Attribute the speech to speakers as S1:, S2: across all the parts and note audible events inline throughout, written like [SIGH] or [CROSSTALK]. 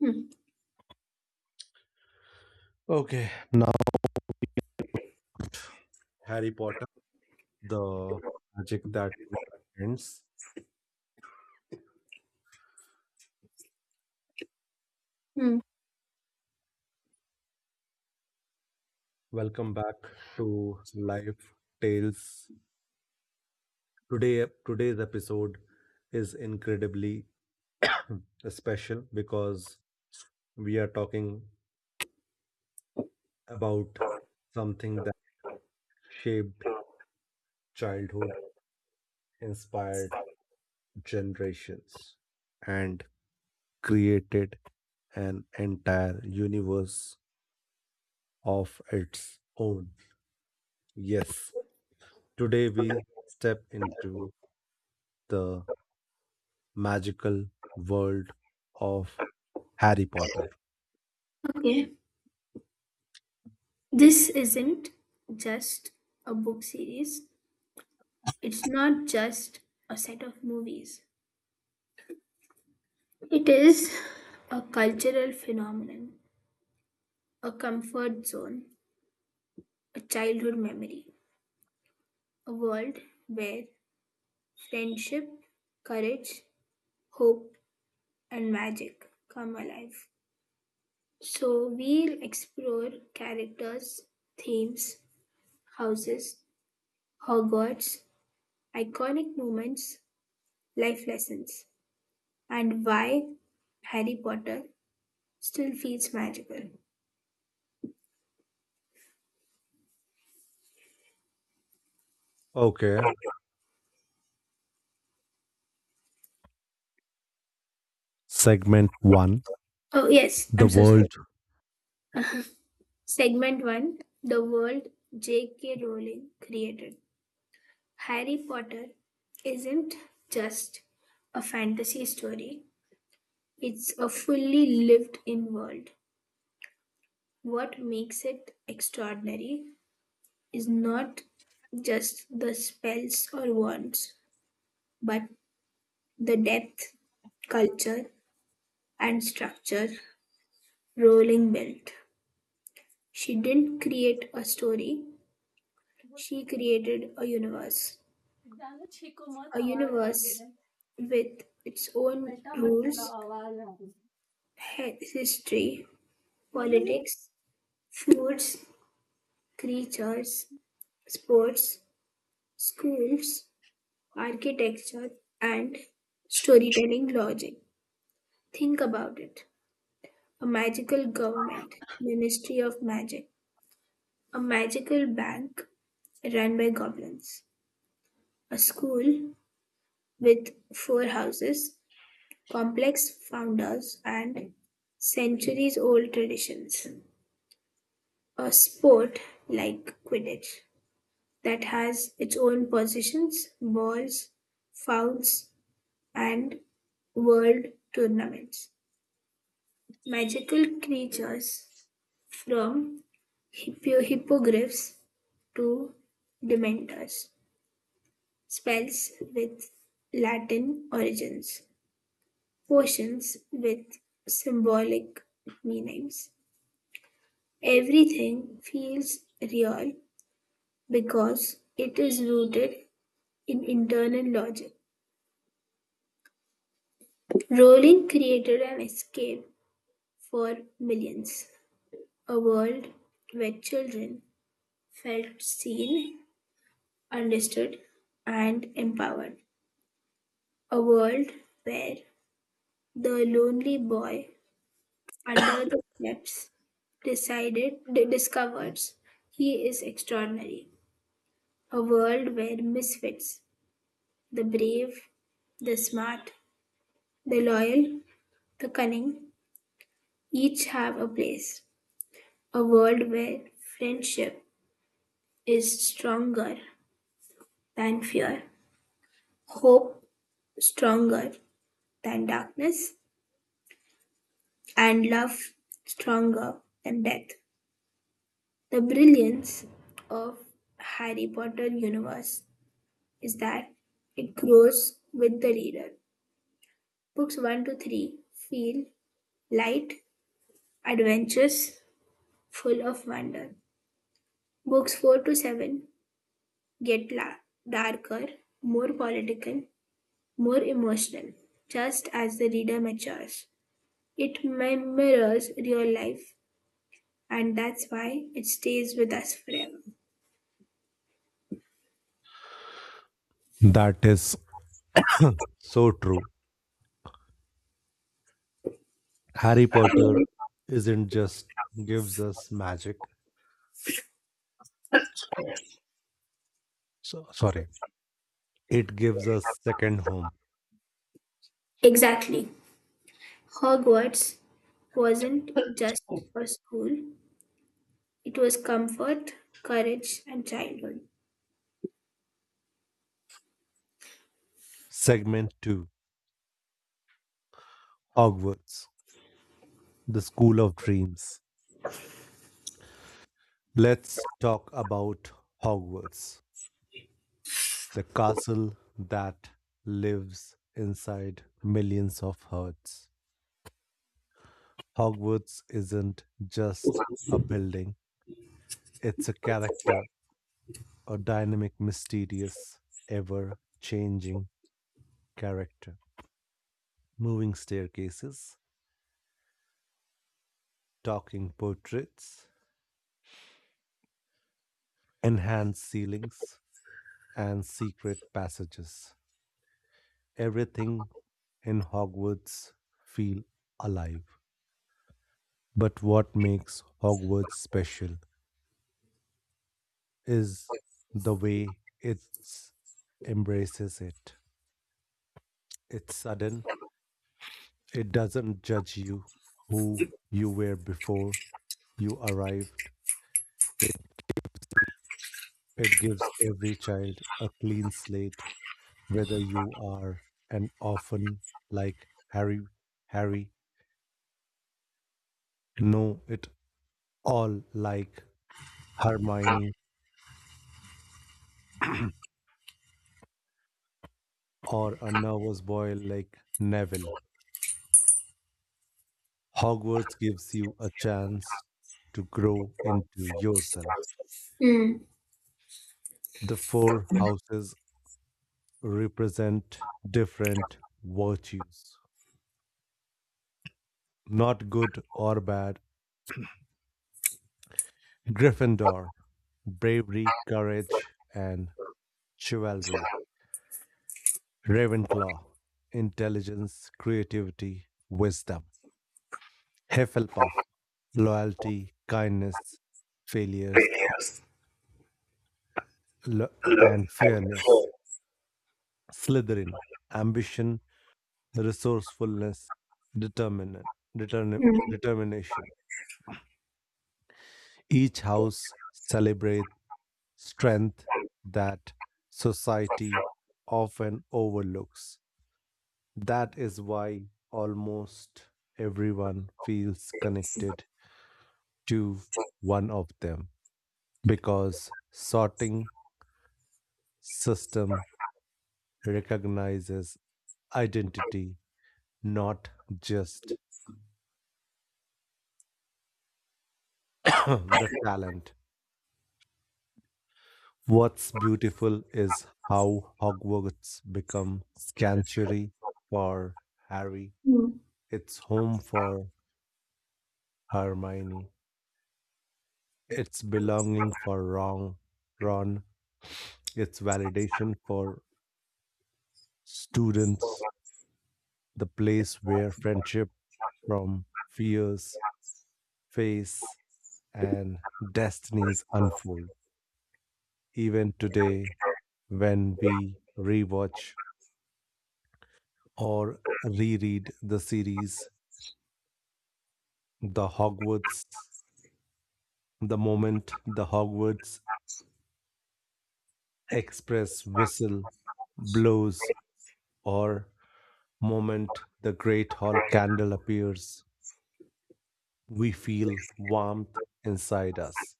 S1: Hmm.
S2: Okay, now Harry Potter, the magic that ends.
S1: Hmm.
S2: Welcome back to Life Tales. Today's episode is incredibly [CLEARS THROAT] special because we are talking about something that shaped childhood, inspired generations, and created an entire universe of its own. Yes, today we step into the magical world of Harry Potter.
S1: Okay. This isn't just a book series. It's not just a set of movies. It is a cultural phenomenon, a comfort zone, a childhood memory, a world where friendship, courage, hope, and magic come alive. So we'll explore characters, themes, houses, Hogwarts, iconic moments, life lessons, and why Harry Potter still feels magical.
S2: Okay, segment one,
S1: Oh, yes,
S2: the
S1: I'm so sorry.
S2: world.
S1: Segment 1: The world J.K. Rowling created. Harry Potter isn't just a fantasy story, it's a fully lived in world. What makes it extraordinary is not just the spells or wands, but the depth, culture, and structure Rolling belt. She didn't create a story, she created a universe.
S2: वो जानो छींको मत
S1: A
S2: आवाज आ रही
S1: universe
S2: है
S1: with its own rules, history, politics, foods, creatures, sports, schools, architecture, and storytelling logic. Think about it. A magical government, ministry of magic, a magical bank, run by goblins, a school with four houses, complex founders, and centuries old traditions. A sport like Quidditch that has its own positions, balls, fouls, and world tournaments. Magical creatures from hippogriffs to dementors, spells with Latin origins. Potions with symbolic meanings. Everything feels real because it is rooted in internal logic. Rowling created an escape for millions, a world where children felt seen, understood, and empowered. A world where the lonely boy under the steps decided, discovers he is extraordinary. A world where misfits, the brave, the smart, the loyal, the cunning, each have a place. A world where friendship is stronger than fear, hope stronger than darkness, and love stronger than death. The brilliance of Harry Potter universe is that it grows with the reader. Books 1 to 3 feel light. Adventures full of wonder. Books 4 to 7 get darker, more political, more emotional, just as the reader matures. It mirrors real life, and that's why it stays with us forever.
S2: That is [COUGHS] [CLEARS THROAT] so true. Harry Potter isn't just gives us magic. So, sorry, it gives us second home.
S1: Exactly. Hogwarts wasn't just for school, it was comfort, courage, and childhood.
S2: Segment 2, Hogwarts, the School of Dreams. Let's talk about Hogwarts, the castle that lives inside millions of hearts. Hogwarts isn't just a building, it's a character, a dynamic, mysterious, ever changing character. Moving staircases, talking portraits, enhanced ceilings, and secret passages. Everything in Hogwarts feels alive. But what makes Hogwarts special is the way it embraces it. It's sudden, it doesn't judge you who you were before you arrived. It gives every child a clean slate, whether you are an orphan like Harry, know it all like Hermione, [CLEARS THROAT] or a nervous boy like Neville. Hogwarts gives you a chance to grow into yourself.
S1: Mm.
S2: The four houses represent different virtues, not good or bad. Gryffindor, bravery, courage, and chivalry, Ravenclaw, intelligence, creativity, wisdom, Hufflepuff, loyalty, kindness, failures, lo- and fairness, Slytherin, ambition, resourcefulness, determinant, determin-
S1: Mm.
S2: determination. Each house celebrates strength that society often overlooks. That is why almost everyone feels connected to one of them because sorting system recognizes identity not just [COUGHS] [CLEARS THROAT] the talent. What's beautiful is how Hogwarts become sanctuary for Harry,
S1: Mm.
S2: it's home for Hermione, it's belonging for Ron, it's validation for students, the place where friendship from fears face, and destinies unfold. Even today, when we rewatch or reread the series, the Hogwarts, the moment the Hogwarts Express whistle blows, or moment the Great Hall candle appears, we feel warmth inside us.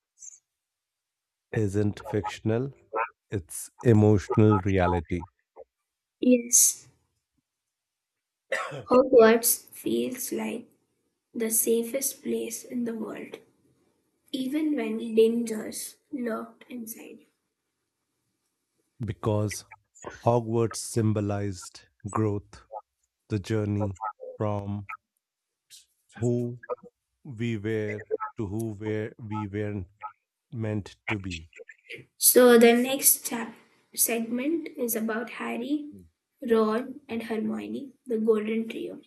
S2: Isn't fictional, it's emotional reality.
S1: Yes. Hogwarts feels like the safest place in the world, even when dangers lurked inside.
S2: Because Hogwarts symbolized growth, the journey from who we were to who were we weren't meant to be.
S1: So, the next segment is about Harry, Ron, and Hermione, the Golden Trio.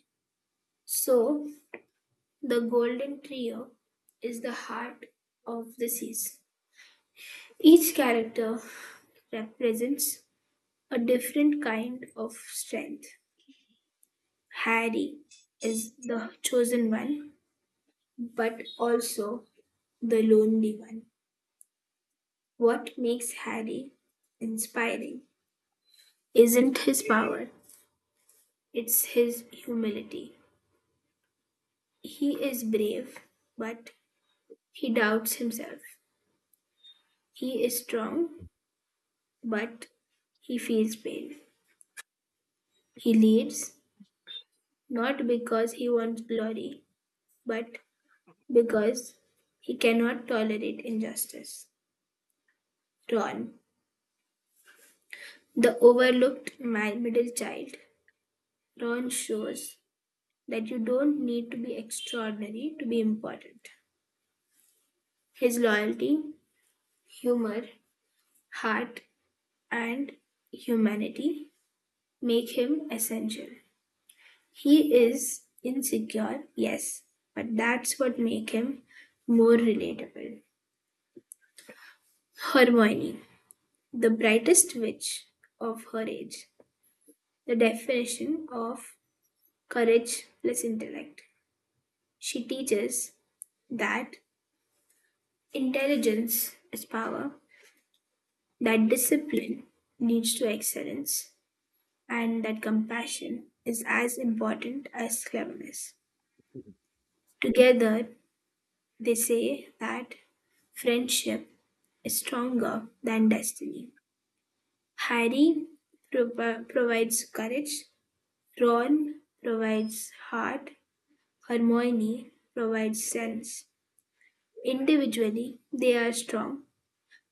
S1: So, the Golden Trio is the heart of the series. Each character represents a different kind of strength. Harry is the chosen one, but also the lonely one. What makes Harry inspiring isn't his power, it's his humility. He is brave, but he doubts himself. He is strong, but he feels pain. He leads not because he wants glory, but because he cannot tolerate injustice. Ron, the overlooked middle child. Ron shows that you don't need to be extraordinary to be important. His loyalty, humor, heart, and humanity make him essential. He is insecure, yes, but that's what makes him more relatable. Hermione, the brightest witch of her age, the definition of courage plus intellect. She teaches that intelligence is power, that discipline leads to excellence, and that compassion is as important as cleverness. Together, they say that friendship is stronger than destiny. Harry provides courage, Ron provides heart, Hermione provides sense. Individually, they are strong,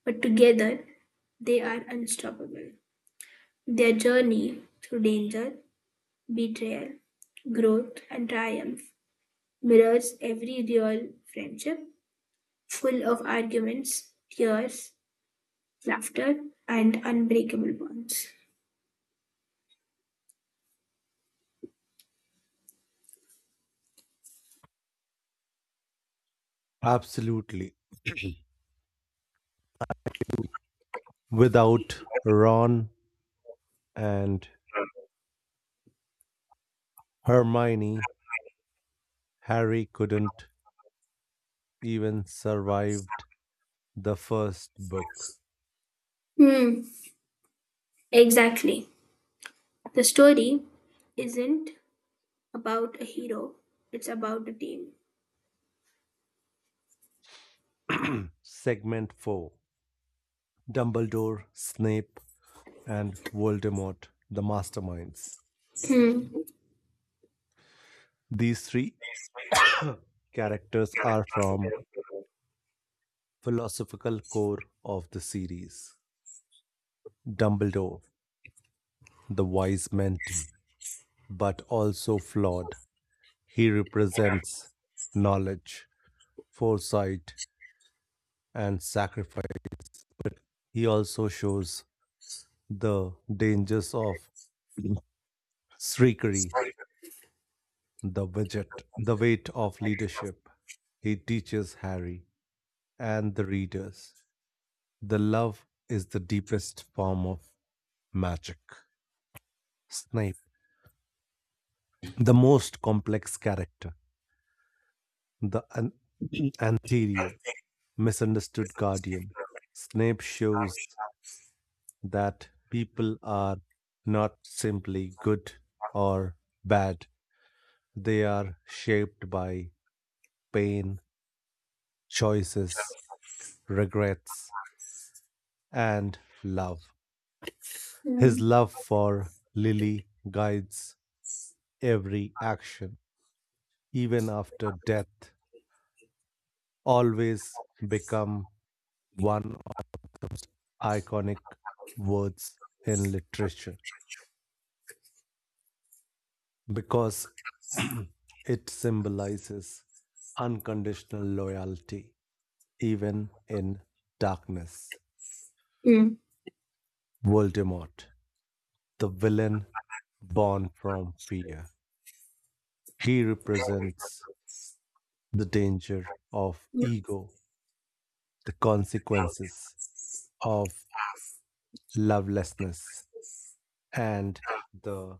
S1: but together, they are unstoppable. Their journey through danger, betrayal, growth, and triumph mirrors every real friendship, full of arguments, tears, laughter, and unbreakable bonds.
S2: Absolutely. [CLEARS THROAT] Without Ron and Hermione, Harry couldn't even survived the first book.
S1: Hmm, exactly. The story isn't about a hero, it's about a team.
S2: [CLEARS THROAT] Segment 4, Dumbledore, Snape, and Voldemort, the masterminds.
S1: Hmm.
S2: These three characters are from philosophical core of the series. Dumbledore, the wise mentee, but also flawed. He represents knowledge, foresight, and sacrifice. He also shows the dangers of [CLEARS THROAT] Shrikery, the widget, the weight of leadership. He teaches Harry and the readers. The love is the deepest form of magic. Snape, the most complex character, the [CLEARS THROAT] Antherio, misunderstood guardian. Snape shows that people are not simply good or bad, they are shaped by pain, choices, regrets, and love. His
S1: Hmm.
S2: love for Lily guides every action, even after death, always become one iconic words in literature because [CLEARS THROAT] it symbolizes unconditional loyalty, even in darkness.
S1: Hmm.
S2: Voldemort, the villain born from fear, he represents the danger of ego, the consequences of lovelessness, and the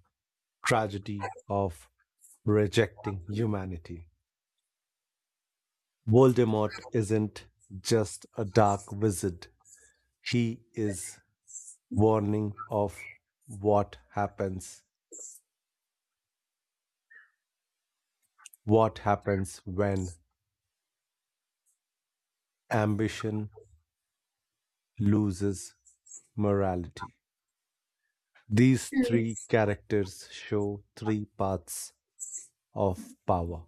S2: tragedy of rejecting humanity. Voldemort isn't just a dark wizard, he is warning of what happens. What happens when ambition loses morality? These
S1: Hmm.
S2: three characters show three paths of power.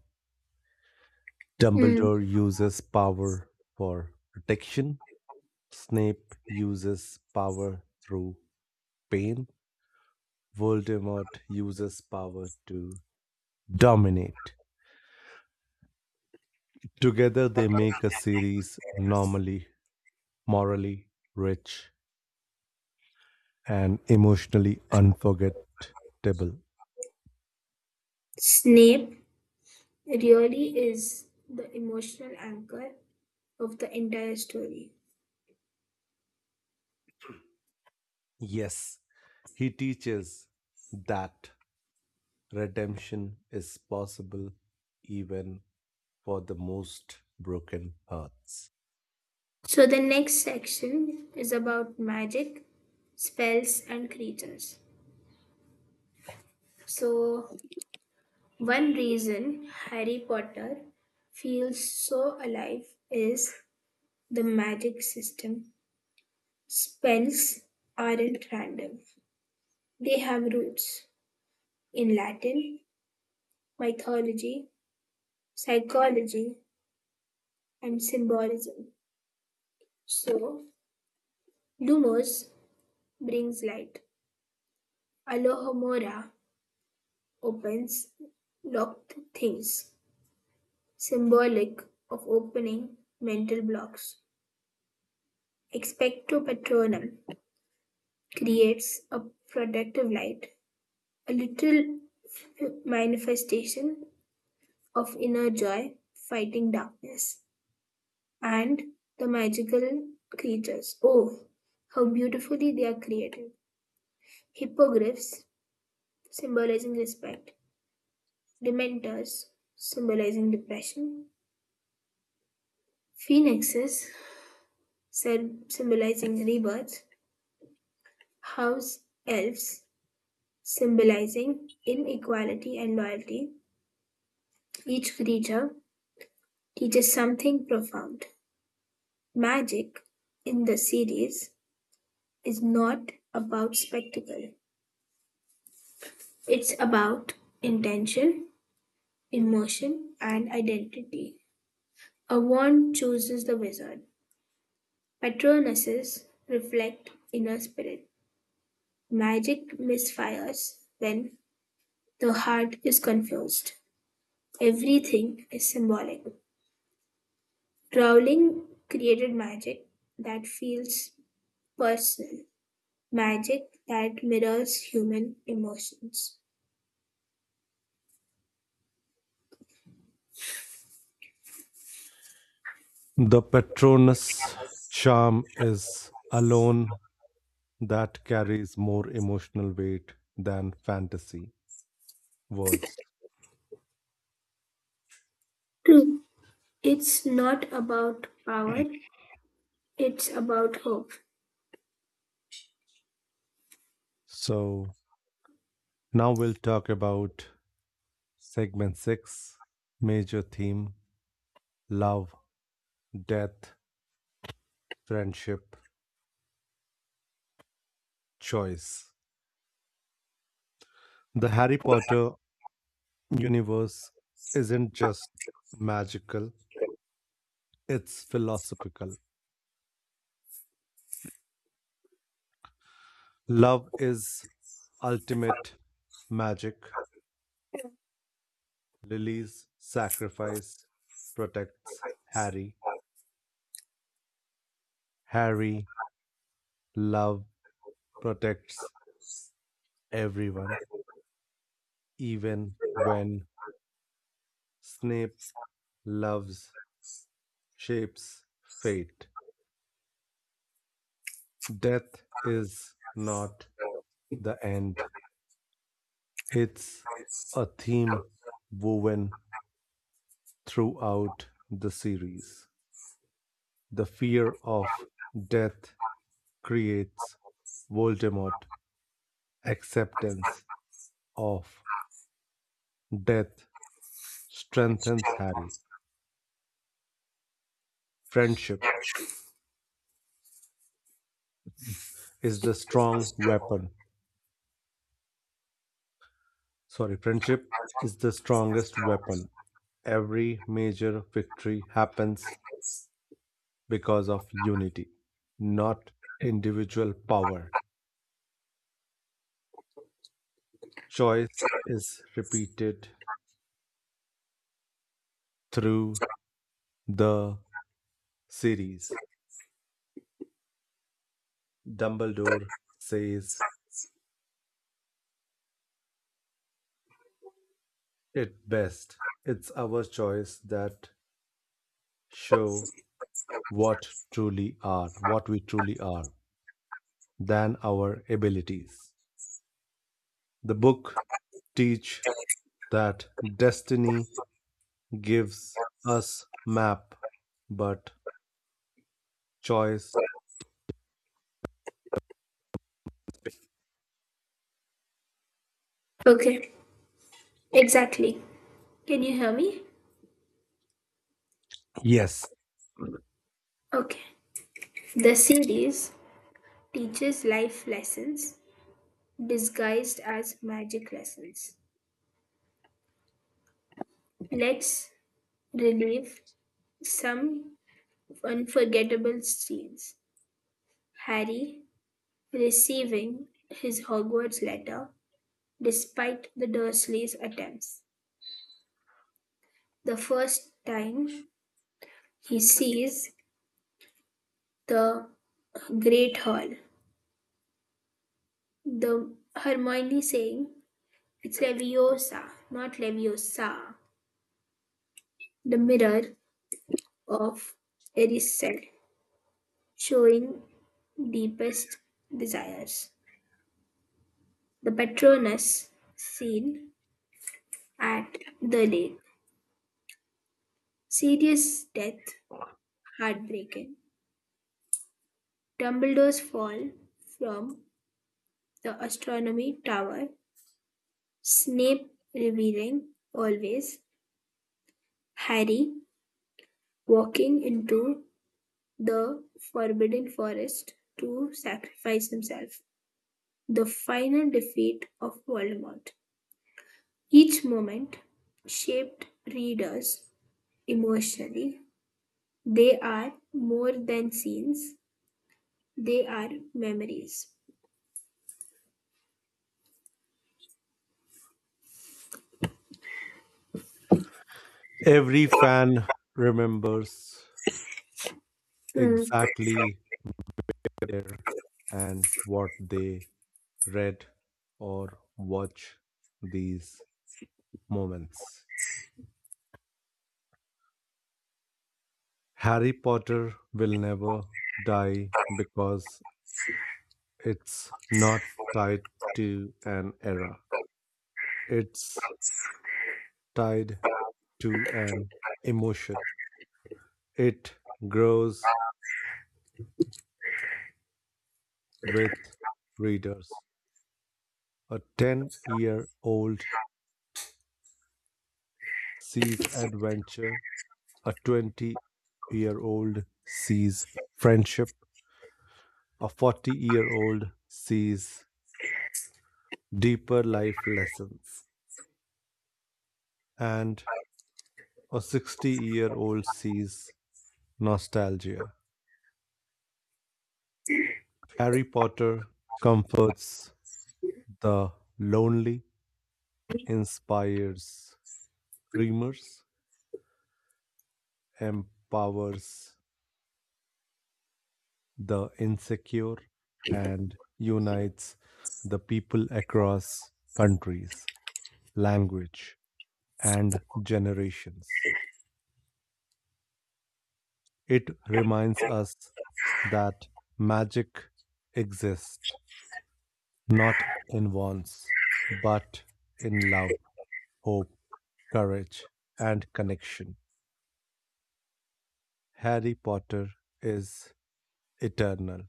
S1: Hmm.
S2: Dumbledore uses power for protection, Snape uses power through pain, Voldemort uses power to dominate. Together, they make a series normally, morally rich, and emotionally unforgettable.
S1: Snape really is the emotional anchor of the entire story.
S2: Yes, he teaches that redemption is possible even for the most broken hearts.
S1: So the next section is about magic, spells, and creatures. So, one reason Harry Potter feels so alive is the magic system. Spells aren't random, they have roots in Latin, mythology, psychology, and symbolism. So, Lumos brings light, Alohomora opens locked things, symbolic of opening mental blocks. Expecto Patronum creates a protective light, a little manifestation of inner joy fighting darkness. And the magical creatures. Oh, how beautifully they are created. Hippogriffs, symbolizing respect. Dementors, symbolizing depression. Phoenixes, symbolizing rebirth. House elves, symbolizing inequality and loyalty. Each creature teaches something profound. Magic, in the series, is not about spectacle, it's about intention, emotion, and identity. A wand chooses the wizard, patronuses reflect inner spirit. Magic misfires when the heart is confused. Everything is symbolic. Rowling created magic that feels personal. Magic that mirrors human emotions.
S2: The Patronus charm is alone that carries more emotional weight than fantasy words.
S1: True. It's not about power,
S2: [CLEARS THROAT]
S1: it's about hope.
S2: So now we'll talk about Segment 6, Major Theme: Love, Death, Friendship, Choice. The Harry Potter universe isn't just magical, it's philosophical. Love is ultimate magic. Lily's sacrifice protects Harry. Harry, love protects everyone, even when Snape loves shapes fate. Death is not the end. It's a theme woven throughout the series. The fear of death creates Voldemort. Acceptance of death strengthens Harry. Friendship is the strong weapon. Sorry, friendship is the strongest weapon. Every major victory happens because of unity, not individual power. Choice is repeated through the series. Dumbledore says it best. It's our choice that show what truly are, what we truly are, than our abilities. The book teach that destiny gives us map, but choice,
S1: Okay, exactly. Can you hear me?
S2: yes,
S1: Okay. The series teaches life lessons disguised as magic lessons. Let's relive some unforgettable scenes. Harry receiving his Hogwarts letter despite the Dursleys' attempts. The first time he sees the Great Hall, the Hermione saying, "It's Leviosa, not Leviosa." The mirror of Erised, showing deepest desires. The Patronus scene at the lake. Sirius' death, heartbreaking. Dumbledore's fall from the astronomy tower. Snape revealing always. Harry, walking into the Forbidden Forest to sacrifice himself, the final defeat of Voldemort. Each moment shaped readers emotionally. They are more than scenes, they are memories.
S2: every fan remembers
S1: Mm,
S2: exactly where and what they read or watch these moments. Harry Potter will never die because it's not tied to an era. It's tied to an emotion. It grows with readers. A 10-year-old year old sees adventure, a 20-year-old year old sees friendship, a 40-year-old year old sees deeper life lessons, and a 60-year-old year old sees nostalgia. Harry Potter comforts the lonely, inspires dreamers, empowers the insecure, and unites the people across countries, language, and generations. It reminds us that magic exists not in wants, but in love, hope, courage, and connection. Harry Potter is eternal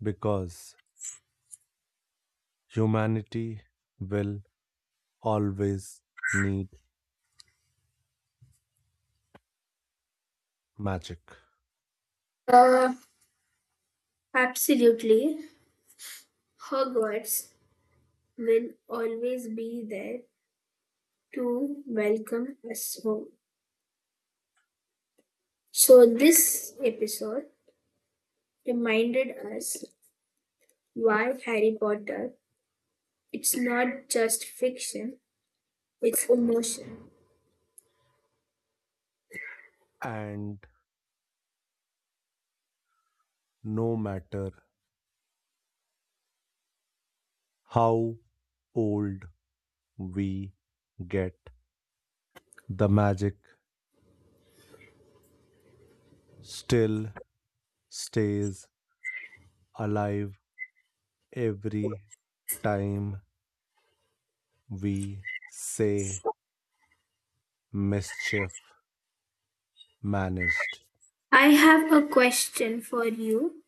S2: because humanity will always need magic.
S1: uh, Absolutely. Hogwarts will always be there to welcome us home. So, this episode reminded us why Harry Potter it's not just fiction, it's emotion.
S2: And no matter how old we get, the magic still stays alive every time we say mischief managed.
S1: I have a question for you.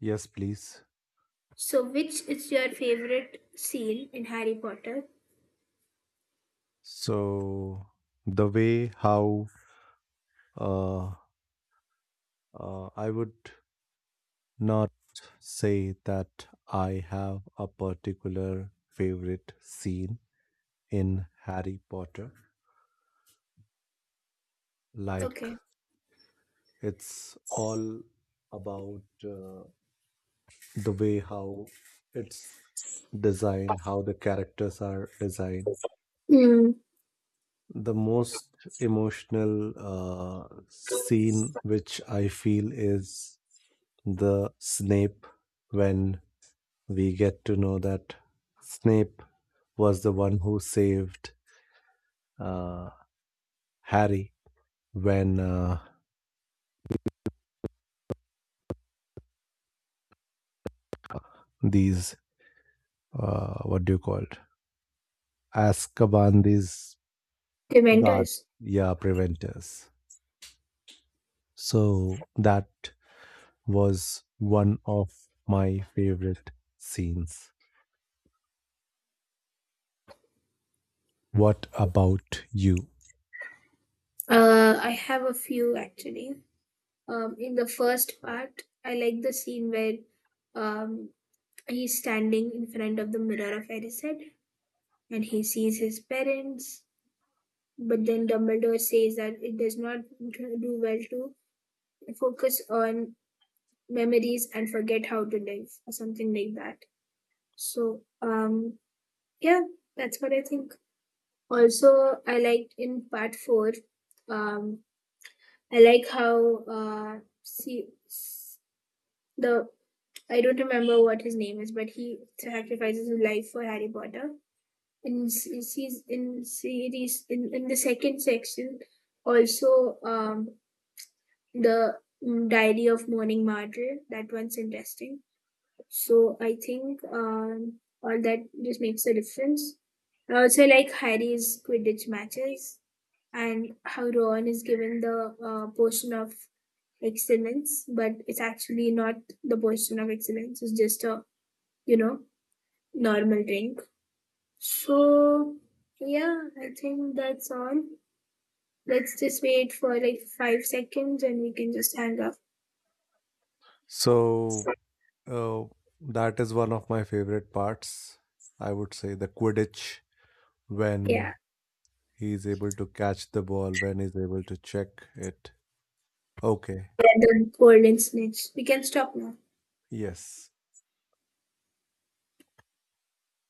S2: Yes, please.
S1: So which is your favorite scene in Harry Potter?
S2: So, the way how uh, I would not say that I have a particular favorite scene in Harry Potter, like
S1: Okay.
S2: it's all about. The way how it's designed, how the characters are designed.
S1: Hmm.
S2: The most emotional scene, which I feel, is the Snape when we get to know that Snape was the one who saved uh, Harry when these, what do you call it, Azkaban, these
S1: Dementors.
S2: guards, yeah, preventers. So that was one of my favorite scenes. What about you?
S1: I have a few actually. In the first part, I like the scene where um he's standing in front of the mirror of Erised and he sees his parents. But then Dumbledore says that it does not do well to focus on memories and forget how to live, or something like that. So, yeah, that's what I think. Also, I liked in part four, um, I like how see s- the I don't remember what his name is, but he sacrifices his life for Harry Potter. In s- seas in series , in the second section, also the diary of morning martyr. That one's interesting. So I think all that just makes a difference. I also like Harry's Quidditch matches, and how Ron is given the portion of excellence, but it's actually not the portion of excellence, it's just a you know normal drink. So, yeah, I think that's all. Let's just wait for like 5 seconds and we can just hang up.
S2: So uh, that is one of my favorite parts. I would say the Quidditch when
S1: Yeah,
S2: he's able to catch the ball, when he's able to check it. Okay.
S1: let the golden snitch. We can stop now.
S2: Yes.